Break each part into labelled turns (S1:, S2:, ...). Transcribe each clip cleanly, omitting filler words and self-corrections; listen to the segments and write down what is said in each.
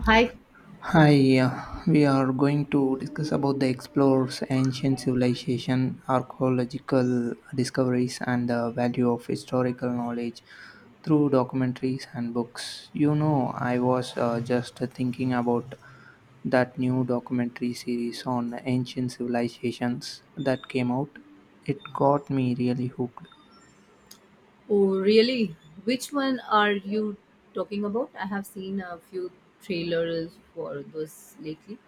S1: Hi.
S2: Hi, we are going to discuss about the explores ancient civilization, archaeological discoveries, and the value of historical knowledge through documentaries and books. I was just thinking about that new documentary series on ancient civilizations that came out. It got me really hooked.
S1: Oh, really? Which one are you talking about? I have seen a few trailers for those lately.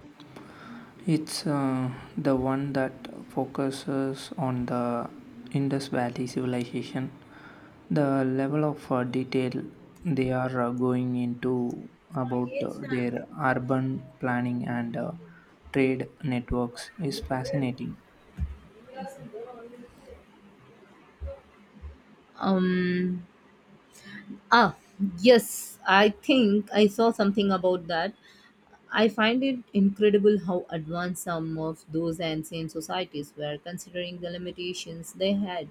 S2: It's the one that focuses on the Indus Valley civilization. The level of detail they are going into about their urban planning and trade networks is fascinating.
S1: Um. Ah, yes, I think I saw something about that. I find it incredible how advanced some of those ancient societies were, considering the limitations they had.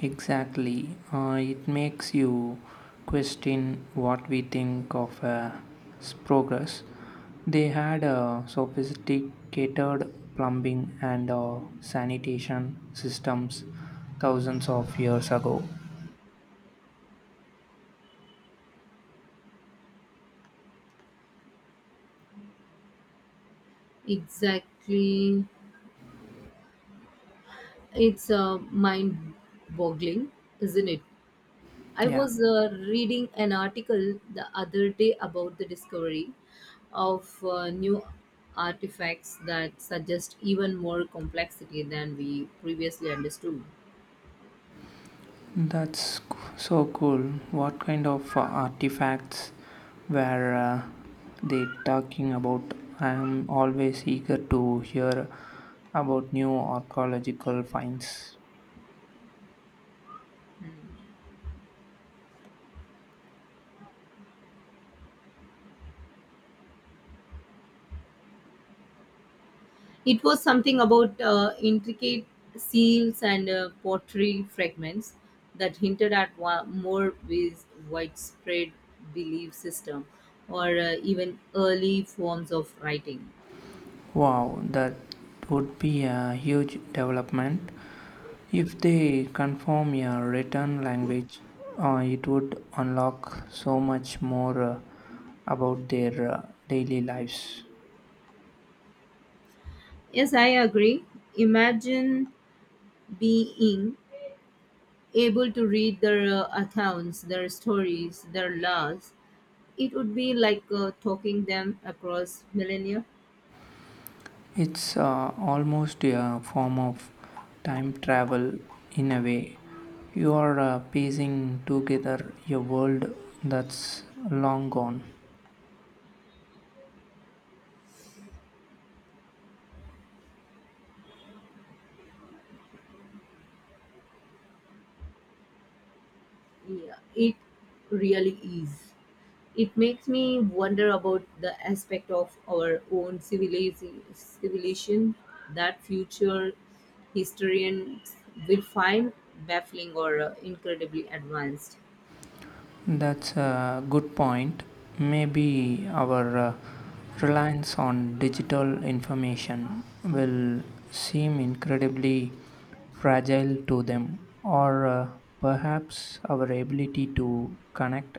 S2: Exactly. It makes you question what we think of as progress. They had a sophisticated plumbing and sanitation systems thousands of years ago.
S1: Exactly. It's mind-boggling, isn't it? I
S2: Yeah,
S1: was reading an article the other day about the discovery of new artifacts that suggest even more complexity than we previously understood.
S2: that's c- so cool. What kind of artifacts were they talking about? I am always eager to hear about new archaeological finds.
S1: It was something about intricate seals and pottery fragments that hinted at more with widespread belief system or even early forms of writing.
S2: Wow, that would be a huge development. If they confirm a written language, it would unlock so much more about their daily lives.
S1: Yes, I agree. Imagine being able to read their accounts, their stories, their laws. It would be like talking them across millennia.
S2: It's almost a form of time travel in a way. You are piecing together a world that's long gone.
S1: Yeah, it really is. It makes me wonder about the aspect of our own civilization that future historians will find baffling or incredibly advanced.
S2: That's a good point. Maybe our reliance on digital information will seem incredibly fragile to them, or perhaps our ability to connect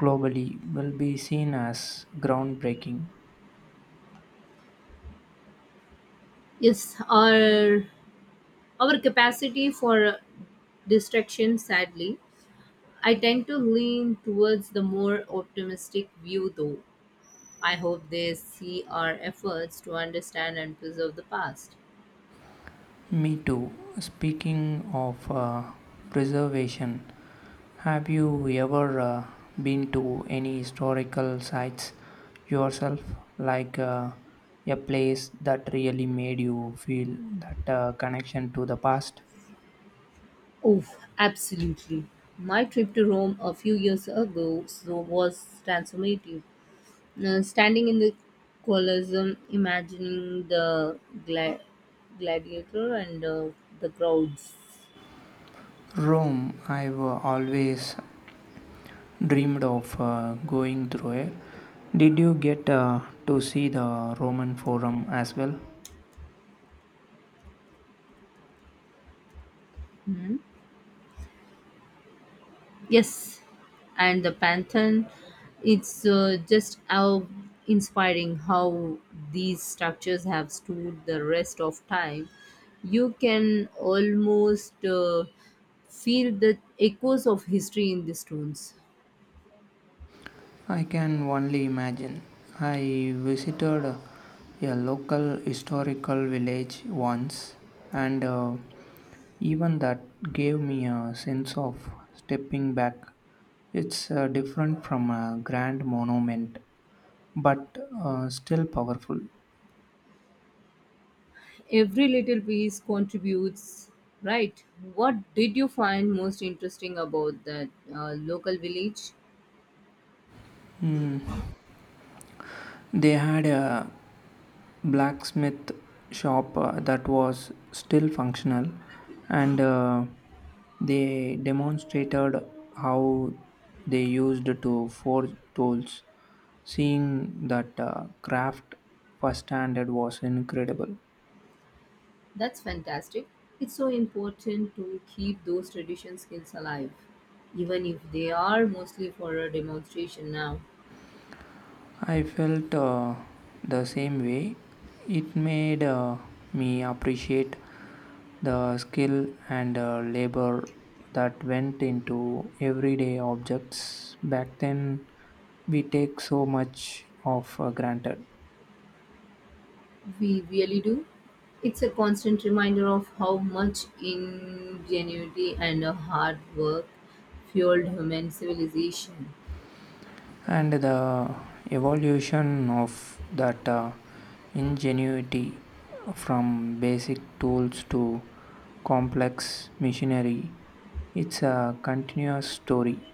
S2: globally will be seen as groundbreaking.
S1: Yes, our capacity for distraction, sadly, I tend to lean towards the more optimistic view, though. I hope they see our efforts to understand and preserve the past.
S2: Me too. Speaking of preservation, have you ever been to any historical sites yourself? Like a place that really made you feel that connection to the past?
S1: Oh, absolutely. My trip to Rome a few years ago so was transformative. Standing in the Colosseum, imagining the gla- gladiator and the crowds.
S2: Rome, I've always dreamed of going through it. Did you get to see the Roman Forum as well?
S1: Yes, and the Pantheon, it's just how inspiring how these structures have stood the rest of time. You can almost feel the echoes of history in the stones.
S2: I can only imagine. I visited a local historical village once, and even that gave me a sense of stepping back. It's different from a grand monument, but still powerful.
S1: Every little piece contributes, right? What did you find most interesting about that local village?
S2: Mm. They had a blacksmith shop that was still functional and they demonstrated how they used to forge tools seeing that craft firsthand was incredible.
S1: That's fantastic. It's so important to keep those tradition skills alive, even if they are mostly for a demonstration now.
S2: I felt the same way. It made me appreciate the skill and labor that went into everyday objects. Back then, we take so much of granted.
S1: We really do. It's a constant reminder of how much ingenuity and hard work fueled human civilization.
S2: And the evolution of that ingenuity from basic tools to complex machinery, it's a continuous story.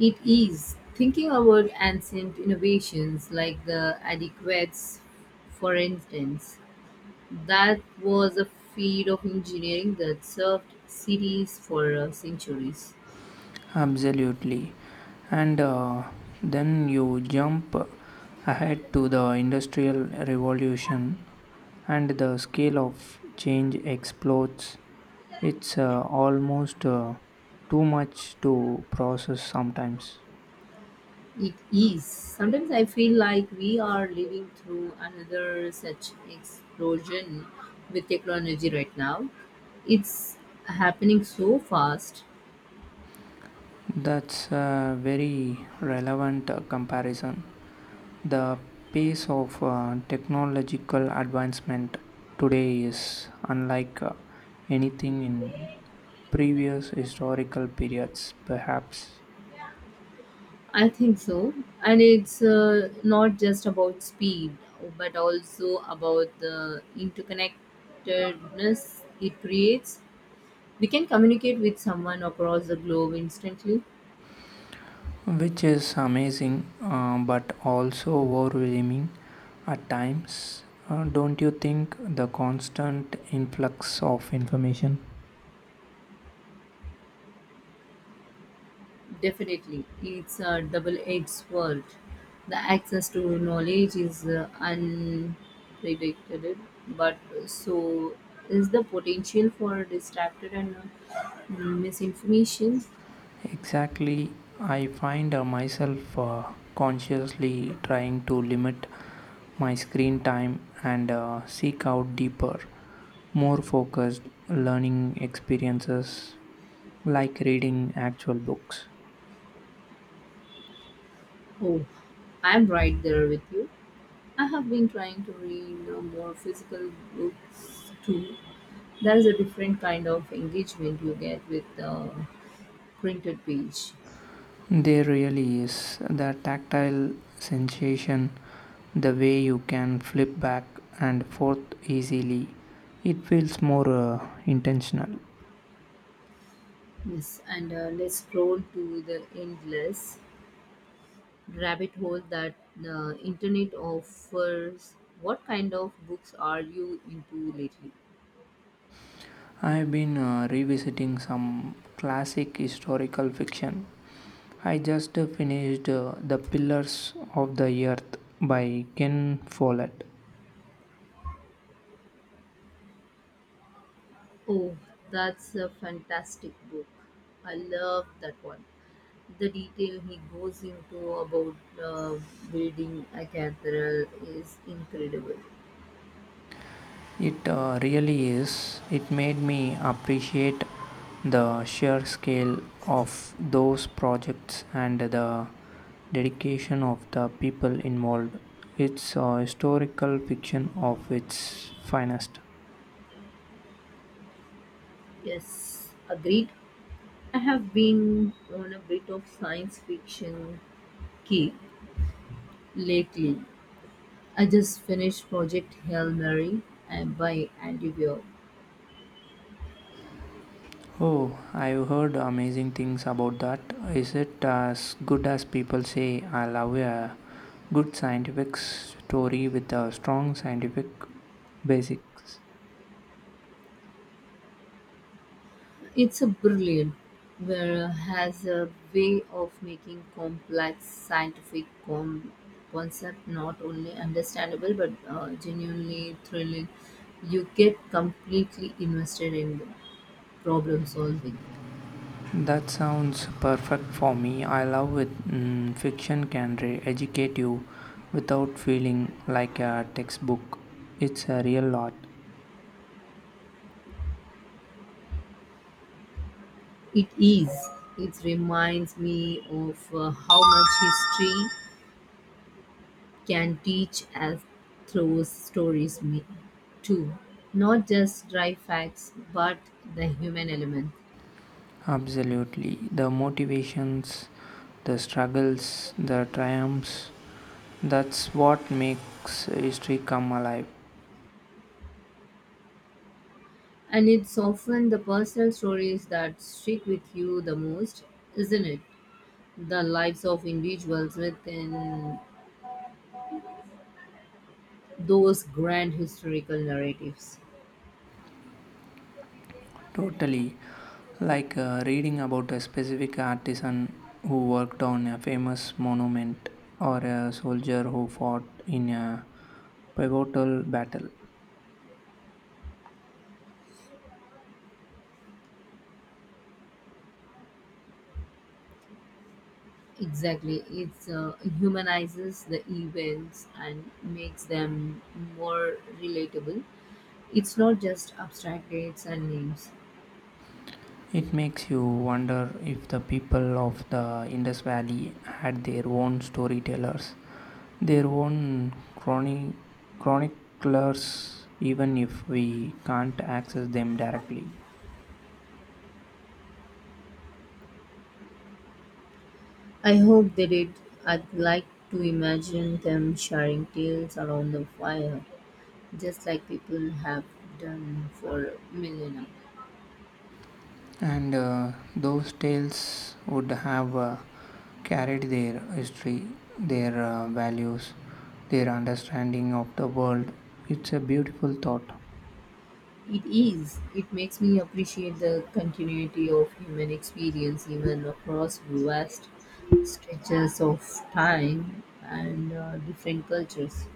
S1: It is thinking about ancient innovations like the adequates, for instance. That was a field of engineering that served cities for centuries.
S2: Absolutely. And then you jump ahead to the Industrial Revolution, and the scale of change explodes. It's almost too much to process sometimes.
S1: It is. Sometimes I feel like we are living through another such explosion with technology right now. It's happening so fast.
S2: That's a very relevant comparison. The pace of technological advancement today is unlike anything in previous historical periods, perhaps,
S1: I think so. And it's not just about speed, but also about the interconnectedness it creates. We can communicate with someone across the globe instantly.
S2: which is amazing but also overwhelming at times. Don't you think the constant influx of information?
S1: Definitely, it's a double edged sword. The access to knowledge is unpredicted, but so is the potential for distracted and misinformation.
S2: Exactly, I find myself consciously trying to limit my screen time and seek out deeper, more focused learning experiences like reading actual books.
S1: Oh, I'm right there with you. I have been trying to read more physical books too. There is a different kind of engagement you get with the printed page.
S2: There really is the tactile sensation, the way you can flip back and forth easily. It feels more intentional.
S1: Yes, and let's scroll to the endless rabbit hole that the internet offers. What kind of books are you into lately?
S2: I've been revisiting some classic historical fiction. I just finished The Pillars of the Earth by Ken Follett.
S1: Oh, that's a fantastic book. I love that one. The detail he goes into about uh, building a cathedral is incredible.
S2: It really is. It made me appreciate the sheer scale of those projects and the dedication of the people involved. It's a historical fiction of its finest.
S1: Yes, agreed. I have been on a bit of science fiction kick lately. I just finished Project Hail Mary and by Andy Weir.
S2: Oh, I've heard amazing things about that. Is it as good as people say? I love a good scientific story with a strong scientific basics.
S1: It's a brilliant where has a way of making complex scientific concept not only understandable but genuinely thrilling. You get completely invested in the problem solving.
S2: That sounds perfect for me. I love it. Mm, educate you without feeling like a textbook. It's a real art.
S1: It is. It reminds me of how much history can teach us through stories too. Not just dry facts, but the human element.
S2: Absolutely. The motivations, the struggles, the triumphs. That's what makes history come alive
S1: And it's often the personal stories that stick with you the most, isn't it? The lives of individuals within those grand historical narratives.
S2: totally, like reading about a specific artisan who worked on a famous monument or a soldier who fought in a pivotal battle.
S1: Exactly. It humanizes the events and makes them more relatable. It's not just abstract dates and names.
S2: It makes you wonder if the people of the Indus Valley had their own storytellers, their own chroni- chroniclers, even if we can't access them directly.
S1: I hope they did. I'd like to imagine them sharing tales around the fire, just like people have done for millennia.
S2: And those tales would have carried their history, their values, their understanding of the world. It's a beautiful thought.
S1: It is. It makes me appreciate the continuity of human experience even across vast stretches of time and different cultures.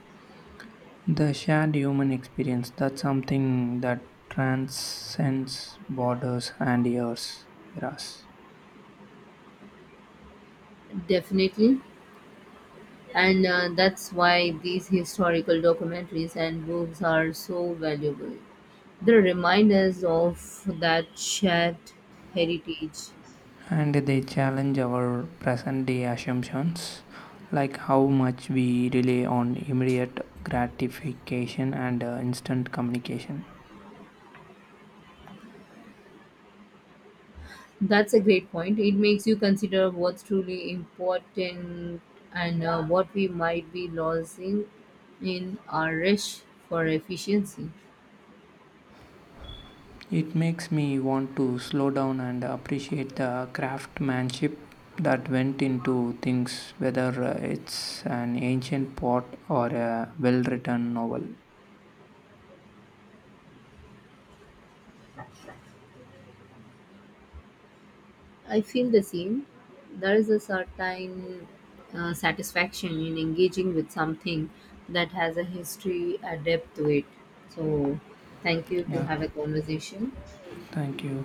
S2: The shared human experience, that's something that transcends borders and years, eras.
S1: Definitely, and that's why these historical documentaries and books are so valuable. They remind us of that shared heritage.
S2: And they challenge our present day assumptions, like how much we rely on immediate gratification and instant communication.
S1: That's a great point. It makes you consider what's truly important and what we might be losing in our rush for efficiency.
S2: It makes me want to slow down and appreciate the craftsmanship that went into things, whether it's an ancient pot or a well written novel.
S1: I feel the same. There is a certain satisfaction in engaging with something that has a history, a depth to it. So, thank you to
S2: Yeah,
S1: have a conversation.
S2: thank you.